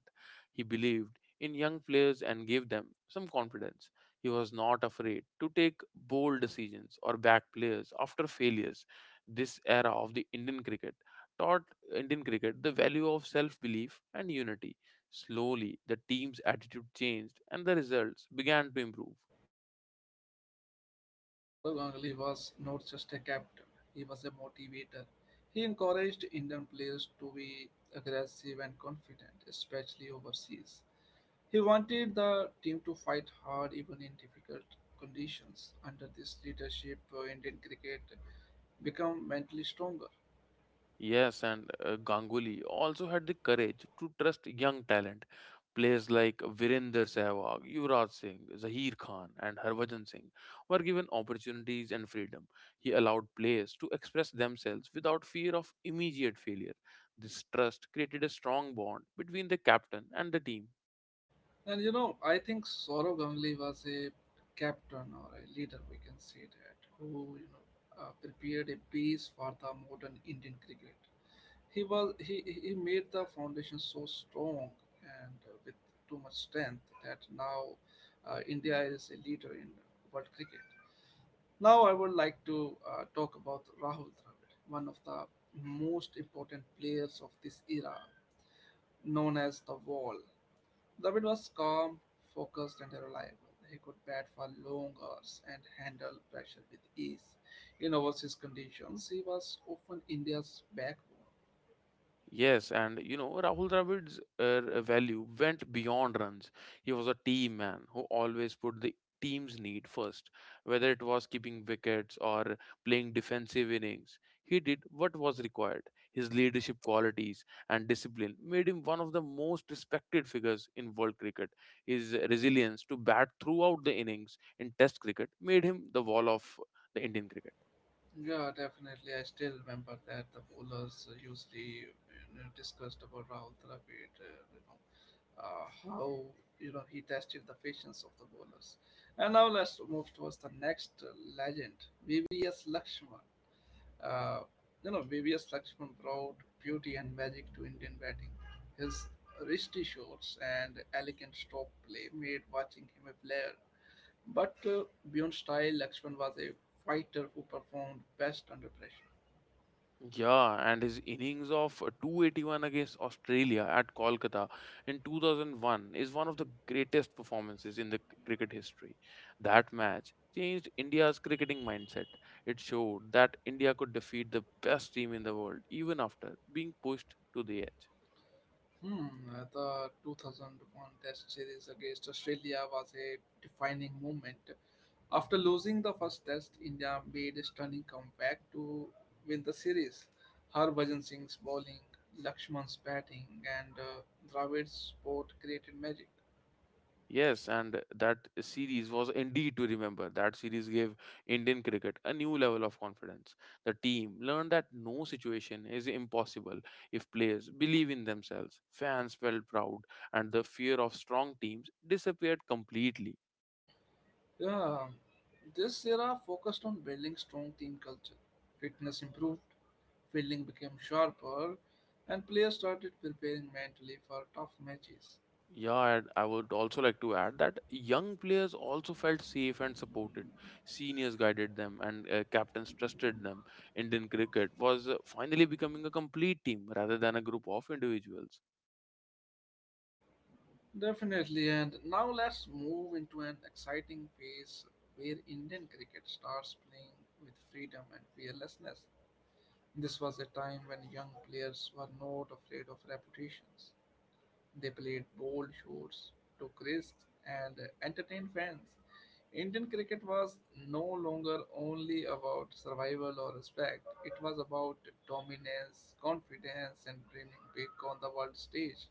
Speaker 2: He believed in young players and gave them some confidence. He was not afraid to take bold decisions or back players after failures. This era of the Indian cricket taught Indian cricket the value of self belief and unity. Slowly, the team's attitude changed and the results began to improve.
Speaker 1: Yeah, Saurav Ganguly was not just a captain, he was a motivator. He encouraged Indian players to be aggressive and confident, especially overseas. He wanted the team to fight hard even in difficult conditions. Under this leadership, Indian cricket become mentally stronger.
Speaker 2: Yes, and Ganguly also had the courage to trust young talent. Players like Virender Sehwag, Yuvraj Singh, Zaheer Khan, and Harvajan Singh were given opportunities and freedom. He allowed players to express themselves without fear of immediate failure. This trust created a strong bond between the captain and the team.
Speaker 1: I think Saurav Ganguly was a captain or a leader, we can say that, who prepared a base for the modern Indian cricket. He was he made the foundation so strong and with too much strength that now India is a leader in world cricket. Now I would like to talk about Rahul Dravid, one of the most important players of this era, known as the Wall. Dravid was calm, focused, and reliable. He could bat for long hours and handle pressure with ease. In overseas conditions, he was often India's backbone.
Speaker 2: Yes, and you know, Rahul Dravid's value went beyond runs. He was a team man who always put the team's need first, whether it was keeping wickets or playing defensive innings. He did what was required. His leadership qualities and discipline made him one of the most respected figures in world cricket. His resilience to bat throughout the innings in test cricket made him the wall of the Indian cricket.
Speaker 1: Yeah, definitely. I still remember that the bowlers usually discussed about Rahul Dravid, how he tested the patience of the bowlers. And now let's move towards the next legend, VVS Lakshman. Uh, VVS Lakshman brought beauty and magic to Indian batting. His wristy shots and elegant stroke play made watching him a player. But beyond style, Lakshman was a fighter who performed best under pressure.
Speaker 2: Yeah, and his innings of 281 against Australia at Kolkata in 2001 is one of the greatest performances in cricket history. That match changed India's cricketing mindset. It showed that India could defeat the best team in the world even after being pushed to the edge.
Speaker 1: Hmm, the 2001 Test series against Australia was a defining moment. After losing the first Test, India made a stunning comeback to win the series. Harbhajan Singh's bowling, Lakshman's batting, and Dravid's support created magic.
Speaker 2: Yes, and that series was indeed to remember. That series gave Indian cricket a new level of confidence. The team learned that no situation is impossible if players believe in themselves. Fans felt proud, and the fear of strong teams disappeared completely.
Speaker 1: Yeah, this era focused on building strong team culture. Fitness improved, fielding became sharper, and players started preparing mentally for tough matches.
Speaker 2: Yeah, and I would also like to add that young players also felt safe and supported. Seniors guided them, and captains trusted them. Indian cricket was finally becoming a complete team rather than a group of individuals.
Speaker 1: Definitely, and now let's move into an exciting phase where Indian cricket starts playing with freedom and fearlessness. This was a time when young players were not afraid of reputations. They played bold shots, took risks, and entertained fans. Indian cricket was no longer only about survival or respect, it was about dominance, confidence, and dreaming big on the world stage.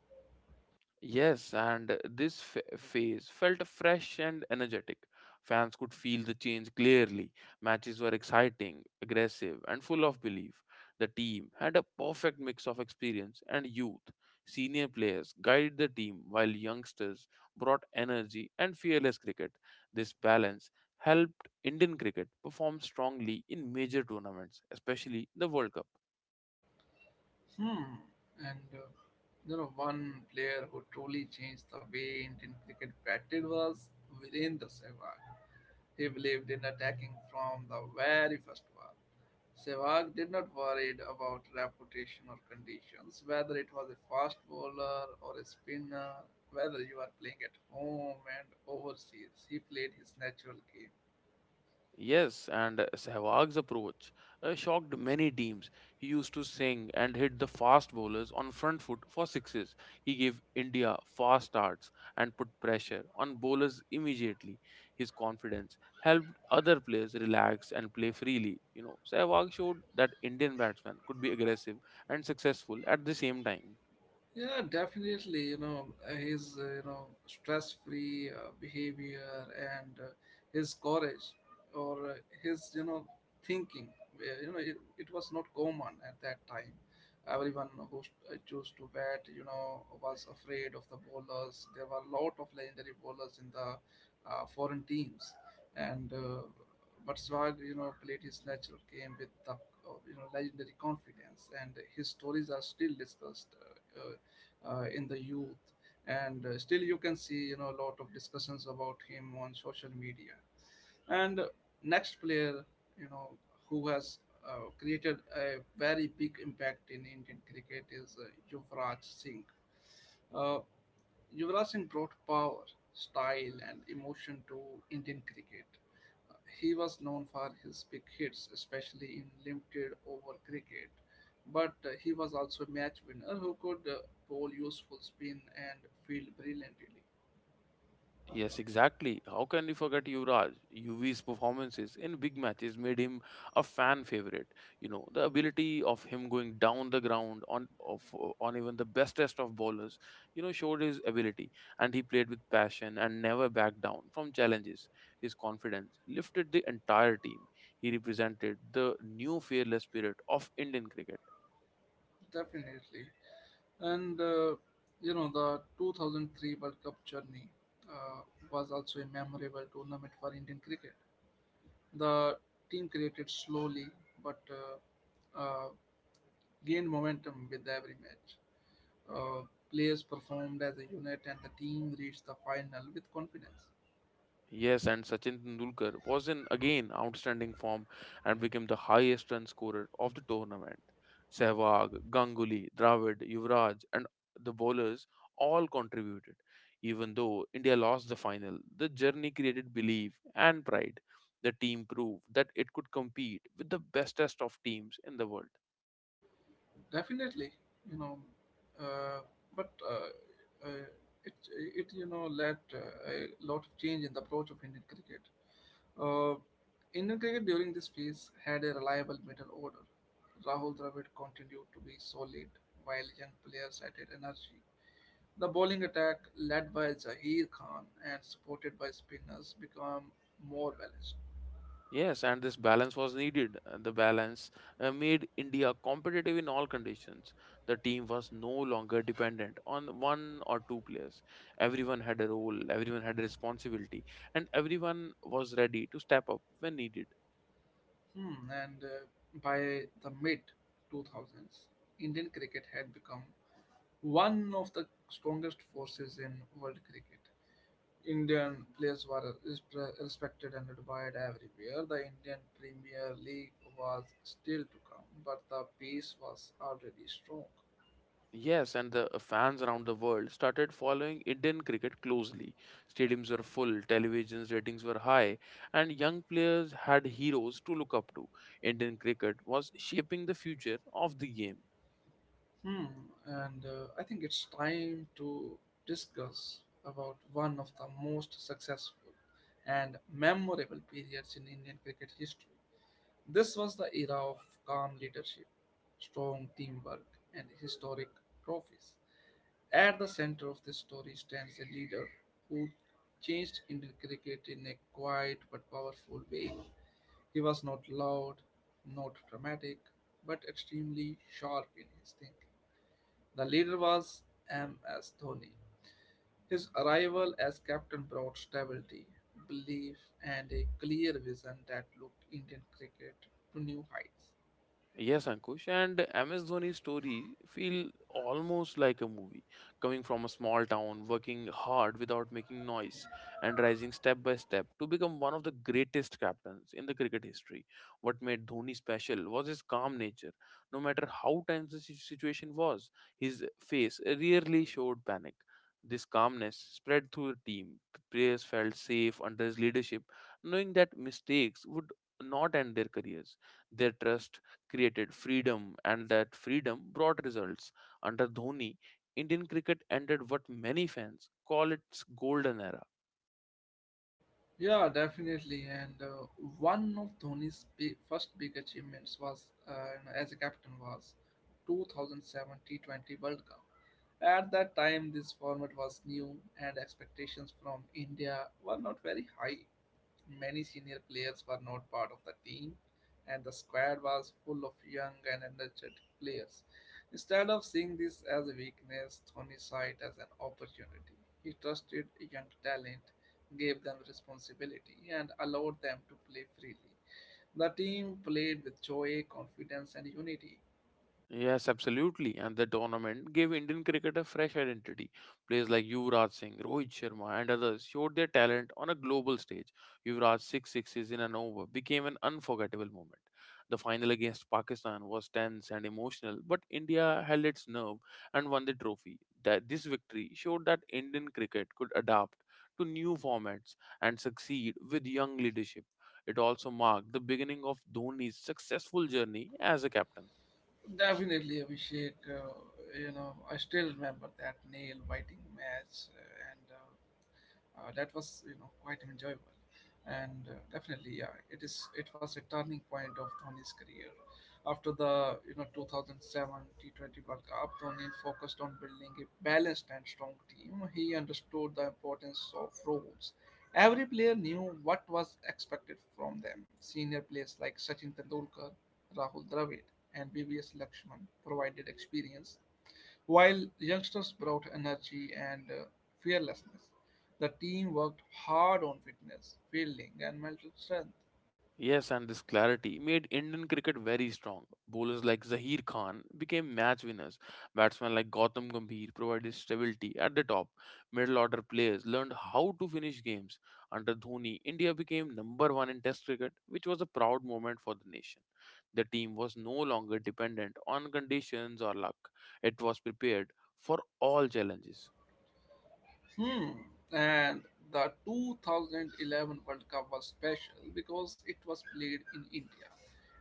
Speaker 2: Yes, and this phase felt fresh and energetic. Fans could feel the change clearly. Matches were exciting, aggressive, and full of belief. The team had a perfect mix of experience and youth. Senior players guided the team while youngsters brought energy and fearless cricket. This balance helped Indian cricket perform strongly in major tournaments, especially the World Cup.
Speaker 1: Hmm. And uh, One player who truly changed the way Indian cricket batted was Virendra Sehwag. He believed in attacking from the very first war. Sehwag did not worry about reputation or conditions, whether it was a fast bowler or a spinner, whether you are playing at home and overseas. He played his natural game.
Speaker 2: Yes, and Sehwag's approach shocked many teams. He used to sing and hit the fast bowlers on front foot for sixes. He gave India fast starts and put pressure on bowlers immediately. His confidence helped other players relax and play freely. You know, Sehwag showed that Indian batsmen could be aggressive and successful at the same time.
Speaker 1: Yeah, definitely. Stress-free behavior and his courage or his, thinking. Where, You know, it was not common at that time. Everyone who chose to bat, was afraid of the bowlers. There were a lot of legendary bowlers in the foreign teams, and but Swag, played his natural game with the, legendary confidence, and his stories are still discussed. Uh, in the youth and still you can see a lot of discussions about him on social media and next player you know who has created a very big impact in Indian cricket is Yuvraj Singh. uh, Yuvraj Singh brought power, style, and emotion to Indian cricket. Uh, He was known for his big hits, especially in limited over cricket, but he was also a match winner who could bowl useful spin and field brilliantly.
Speaker 2: Yes, exactly. How can we forget Yuvraj? UV's performances in big matches made him a fan favorite. The ability of him going down the ground on even the bestest of bowlers, showed his ability, and he played with passion and never backed down from challenges. His confidence lifted the entire team. He represented the new fearless spirit of Indian cricket.
Speaker 1: Definitely. And uh, the 2003 World Cup journey uh, was also a memorable tournament for Indian cricket. The team created slowly but gained momentum with every match. Uh, Players performed as a unit, and the team reached the final with confidence.
Speaker 2: Yes, and Sachin Tendulkar was in again outstanding form and became the highest run scorer of the tournament. Sehwag, Ganguly, Dravid, Yuvraj, and the bowlers all contributed. Even though India lost the final, the journey created belief and pride. The team proved that it could compete with the bestest of teams in the world.
Speaker 1: Definitely, you know, uh, but uh, uh, it led a lot of change in the approach of Indian cricket. Uh, Indian cricket during this phase had a reliable middle order. Rahul Dravid continued to be solid, while young players added energy. The bowling attack, led by Zaheer Khan and supported by spinners, became more balanced.
Speaker 2: Yes, and this balance was needed. And The balance made India competitive in all conditions. The team was no longer dependent on one or two players. Everyone had a role, everyone had a responsibility, and everyone was ready to step up when needed.
Speaker 1: Hmm, and By the mid 2000s, Indian cricket had become one of the strongest forces in world cricket. Indian players were respe- respected and admired everywhere. The Indian Premier League was still to come, but the pace was already strong.
Speaker 2: Yes, and the fans around the world started following Indian cricket closely. Stadiums were full, television's ratings were high, and young players had heroes to look up to. Indian cricket was shaping the future of the game.
Speaker 1: Hmm, and I think it's time to discuss about one of the most successful and memorable periods in Indian cricket history. This was the era of calm leadership, strong teamwork, and historic trophies. At the center of this story stands a leader who changed Indian cricket in a quiet but powerful way. He was not loud, not dramatic, but extremely sharp in his thinking. The leader was M.S. Dhoni. His arrival as captain brought stability, belief, and a clear vision that looked Indian cricket to new heights.
Speaker 2: Yes, Ankush, and MS Dhoni's story feel almost like a movie. Coming from a small town, working hard without making noise, and rising step by step to become one of the greatest captains in the cricket history. What made Dhoni special was his calm nature. No matter how tense the situation was, his face rarely showed panic. This calmness spread through the team. Players felt safe under his leadership, knowing that mistakes would not end their careers. Their trust created freedom, and that freedom brought results. Under Dhoni, Indian cricket entered what many fans call its golden era.
Speaker 1: Yeah, definitely. And One of first big achievements was, as a captain, was 2007 T20 World Cup. At that time, this format was new, and expectations from India were not very high. Many senior players were not part of the team, and the squad was full of young and energetic players. Instead of seeing this as a weakness, Dhoni saw it as an opportunity. He trusted young talent, gave them responsibility, and allowed them to play freely. The team played with joy, confidence, and unity.
Speaker 2: Yes, absolutely. And the tournament gave Indian cricket a fresh identity. Players like Yuvraj Singh, Rohit Sharma, and others showed their talent on a global stage. Yuvraj's six sixes in an over became an unforgettable moment. The final against Pakistan was tense and emotional, but India held its nerve and won the trophy. That this victory showed that Indian cricket could adapt to new formats and succeed with young leadership. It also marked the beginning of Dhoni's successful journey as a captain.
Speaker 1: Definitely, Abhishek. I still remember that nail biting match, and that was quite enjoyable and definitely yeah, it was a turning point of Dhoni's career. After the 2007 T20 World Cup, Dhoni focused on building a balanced and strong team. He understood the importance of roles. Every player knew what was expected from them. Senior players like Sachin Tendulkar, Rahul Dravid, and BBS Lakshman provided experience, while youngsters brought energy and fearlessness. The team worked hard on fitness, fielding, and mental strength.
Speaker 2: Yes, and this clarity made Indian cricket very strong. Bowlers like Zaheer Khan became match winners. Batsmen like Gautam Gambhir provided stability at the top. Middle order players learned how to finish games. Under Dhoni, India became number one in Test cricket, which was a proud moment for the nation. The team was no longer dependent on conditions or luck; it was prepared for all challenges.
Speaker 1: Hmm. And the 2011 World Cup was special because it was played in India.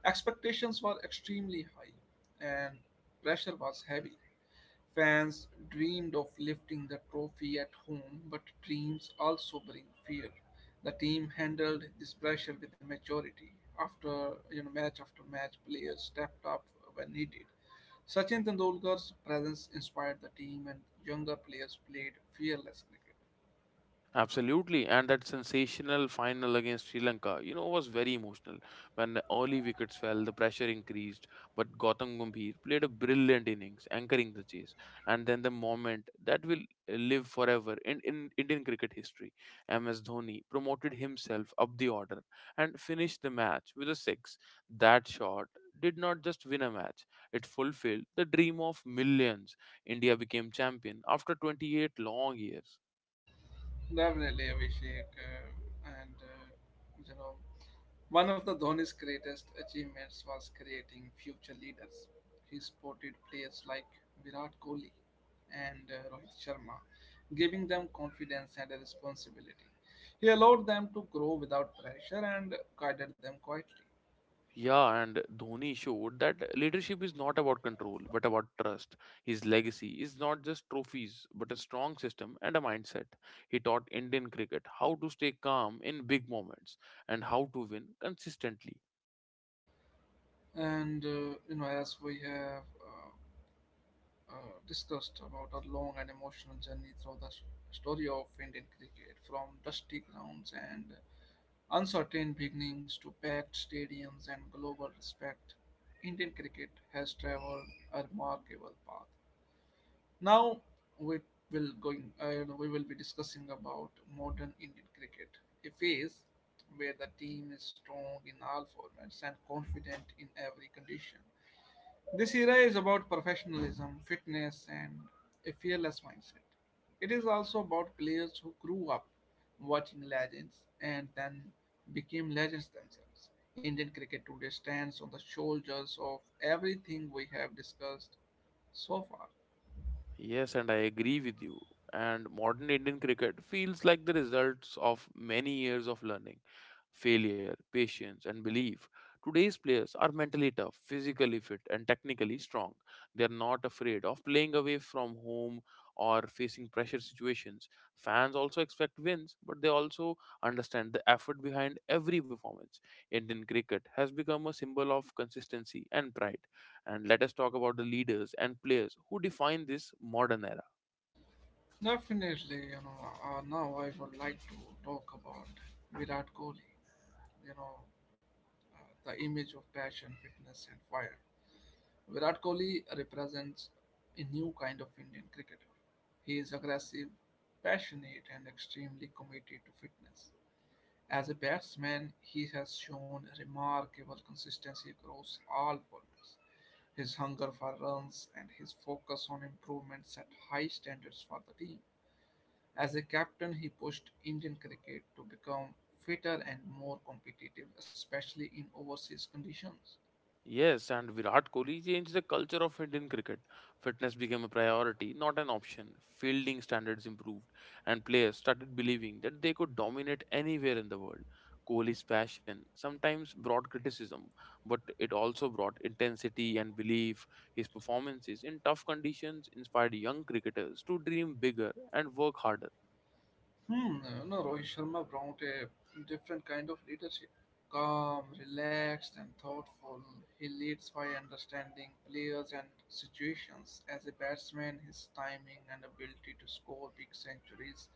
Speaker 1: Expectations were extremely high and pressure was heavy. Fans dreamed of lifting the trophy at home, but dreams also bring fear. The team handled this pressure with maturity. Match after match, players stepped up when needed. Sachin Tendulkar's presence inspired the team, and younger players played fearless cricket.
Speaker 2: Absolutely, and that sensational final against Sri Lanka, you know, was very emotional. When the early wickets fell, the pressure increased, but Gautam Gambhir played a brilliant innings, anchoring the chase, and then the moment that will live forever in Indian cricket history. MS Dhoni promoted himself up the order and finished the match with a six. That shot did not just win a match; it fulfilled the dream of millions. India became champion after 28 long years.
Speaker 1: Definitely, Abhishek. You know, One of the Dhoni's greatest achievements was creating future leaders. He supported players like Virat Kohli and Rohit Sharma, giving them confidence and a responsibility. He allowed them to grow without pressure and guided them quietly.
Speaker 2: Yeah, and Dhoni showed that leadership is not about control, but about trust. His legacy is not just trophies, but a strong system and a mindset. He taught Indian cricket how to stay calm in big moments and how to win consistently.
Speaker 1: And, you know, as we have uh, discussed about a long and emotional journey through story of Indian cricket, from dusty grounds and uncertain beginnings to packed stadiums and global respect, Indian cricket has traveled a remarkable path. Now we we will be discussing about modern Indian cricket, a phase where the team is strong in all formats and confident in every condition. This era is about professionalism, fitness, and a fearless mindset. It is also about players who grew up watching legends and then became legends themselves. Indian cricket today stands on the shoulders of everything we have discussed so far.
Speaker 2: Yes, and I agree with you. And modern Indian cricket feels like the results of many years of learning, failure, patience, and belief. Today's players are mentally tough, physically fit, and technically strong. They are not afraid of playing away from home or facing pressure situations. Fans also expect wins, but they also understand the effort behind every performance. Indian cricket has become a symbol of consistency and pride. And let us talk about the leaders and players who define this modern era.
Speaker 1: Definitely. Now I would like to talk about Virat Kohli, you know, uh, the image of passion, fitness, and fire. Virat Kohli represents a new kind of Indian cricketer. He is aggressive, passionate, and extremely committed to fitness. As a batsman, he has shown remarkable consistency across all formats. His hunger for runs and his focus on improvement set high standards for the team. As a captain, he pushed Indian cricket to become fitter and more competitive, especially in overseas conditions.
Speaker 2: Yes, and Virat Kohli changed the culture of Indian cricket. Fitness became a priority, not an option. Fielding standards improved, and players started believing that they could dominate anywhere in the world. Kohli's passion sometimes brought criticism, but it also brought intensity and belief. His performances in tough conditions inspired young cricketers to dream bigger and work harder.
Speaker 1: Hmm, no, Rohit Sharma brought a different kind of leadership. Calm, relaxed, and thoughtful. He leads by understanding players and situations. As a batsman, his timing and ability to score big centuries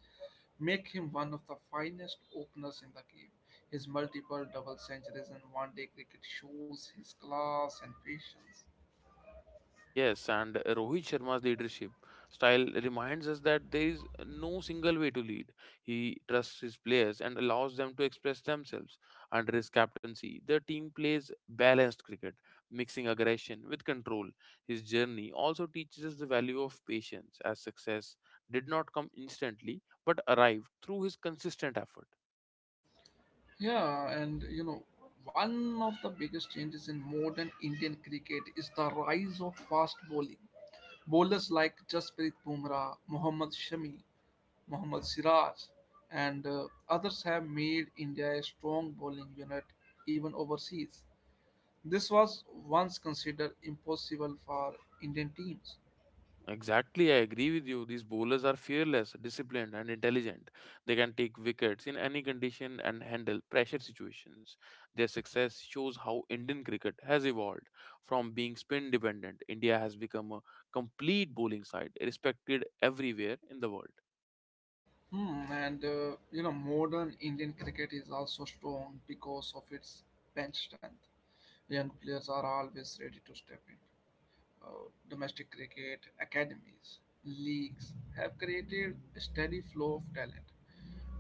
Speaker 1: make him one of the finest openers in the game. His multiple double centuries in one-day cricket shows his class and patience.
Speaker 2: Yes, and Rohit Sharma's leadership style reminds us that there is no single way to lead. He trusts his players and allows them to express themselves. Under his captaincy, the team plays balanced cricket, mixing aggression with control. His journey also teaches us the value of patience, as success did not come instantly but arrived through his consistent effort.
Speaker 1: Yeah, and you know, One of the biggest changes in modern Indian cricket is the rise of fast bowling. Bowlers like Jasprit Bumrah, Mohammad Shami, Mohammad Siraj, and others have made India a strong bowling unit even overseas. This was once considered impossible for Indian teams.
Speaker 2: Exactly, I agree with you. These bowlers are fearless, disciplined, and intelligent. They can take wickets in any condition and handle pressure situations. Their success shows how Indian cricket has evolved. From being spin dependent, India has become a complete bowling side, respected everywhere in the world.
Speaker 1: Modern Indian cricket is also strong because of its bench strength. Young players are always ready to step in. Domestic cricket academies, leagues have created a steady flow of talent.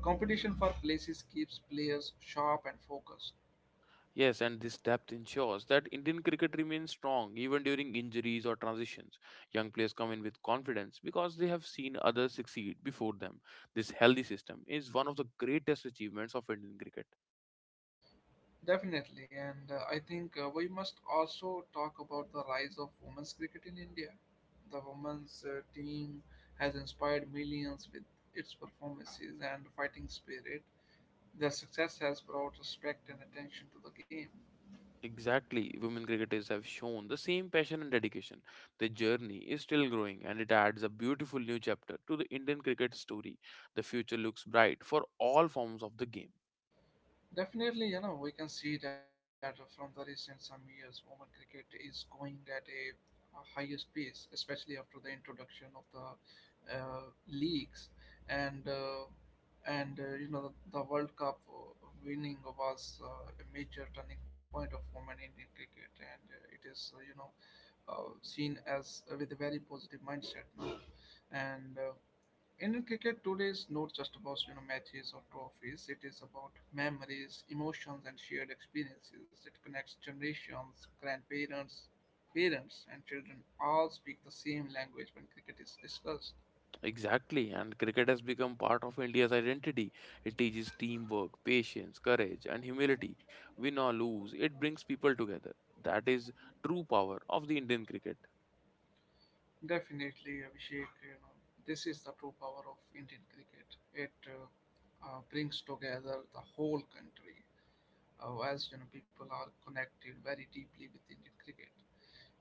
Speaker 1: Competition for places keeps players sharp and focused.
Speaker 2: Yes, and this depth ensures that Indian cricket remains strong even during injuries or transitions. Young players come in with confidence because they have seen others succeed before them. This healthy system is one of the greatest achievements of Indian cricket.
Speaker 1: Definitely, and I think we must also talk about the rise of women's cricket in India. The women's team has inspired millions with its performances and fighting spirit. Their success has brought respect and attention to the game.
Speaker 2: Exactly, women cricketers have shown the same passion and dedication. Their journey is still growing, and it adds a beautiful new chapter to the Indian cricket story. The future looks bright for all forms of the game.
Speaker 1: Definitely, you know, we can see that from the recent some years, women cricket is going at a highest pace, especially after the introduction of the uh, leagues and uh, and the World Cup winning was a major turning point of women in Indian cricket, and it is seen as with a very positive mindset now. And Indian cricket today is not just about matches or trophies. It is about memories, emotions, and shared experiences. It connects generations, grandparents, parents, and children all speak the same language when cricket is discussed.
Speaker 2: Exactly, and cricket has become part of India's identity. It teaches teamwork, patience, courage, and humility. Win or lose, it brings people together. That is true power of the Indian cricket.
Speaker 1: Definitely, Abhishek. You know, this is the true power of Indian cricket. It brings together the whole country, as you know, people are connected very deeply with Indian cricket.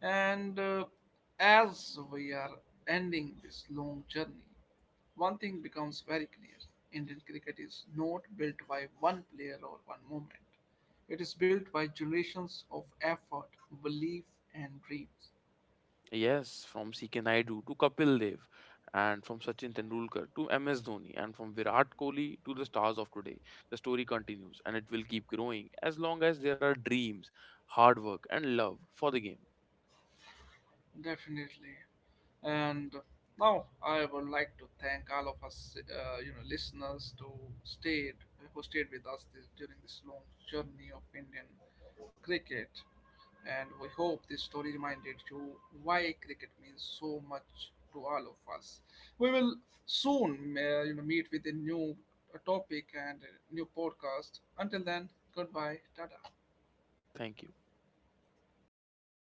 Speaker 1: And As we are ending this long journey, one thing becomes very clear: Indian cricket is not built by one player or one moment. It is built by generations of effort, belief, and dreams.
Speaker 2: Yes, from CK Naidu to Kapil Dev, and from Sachin Tendulkar to MS Dhoni, and from Virat Kohli to the stars of today, the story continues, and it will keep growing as long as there are dreams, hard work, and love for the game.
Speaker 1: Definitely. And now I would like to thank all of us, listeners, to stayed who stayed with us during this long journey of Indian cricket. And we hope this story reminded you why cricket means so much to all of us. We will soon, meet with a new topic and a new podcast. Until then, goodbye, tada.
Speaker 2: Thank you.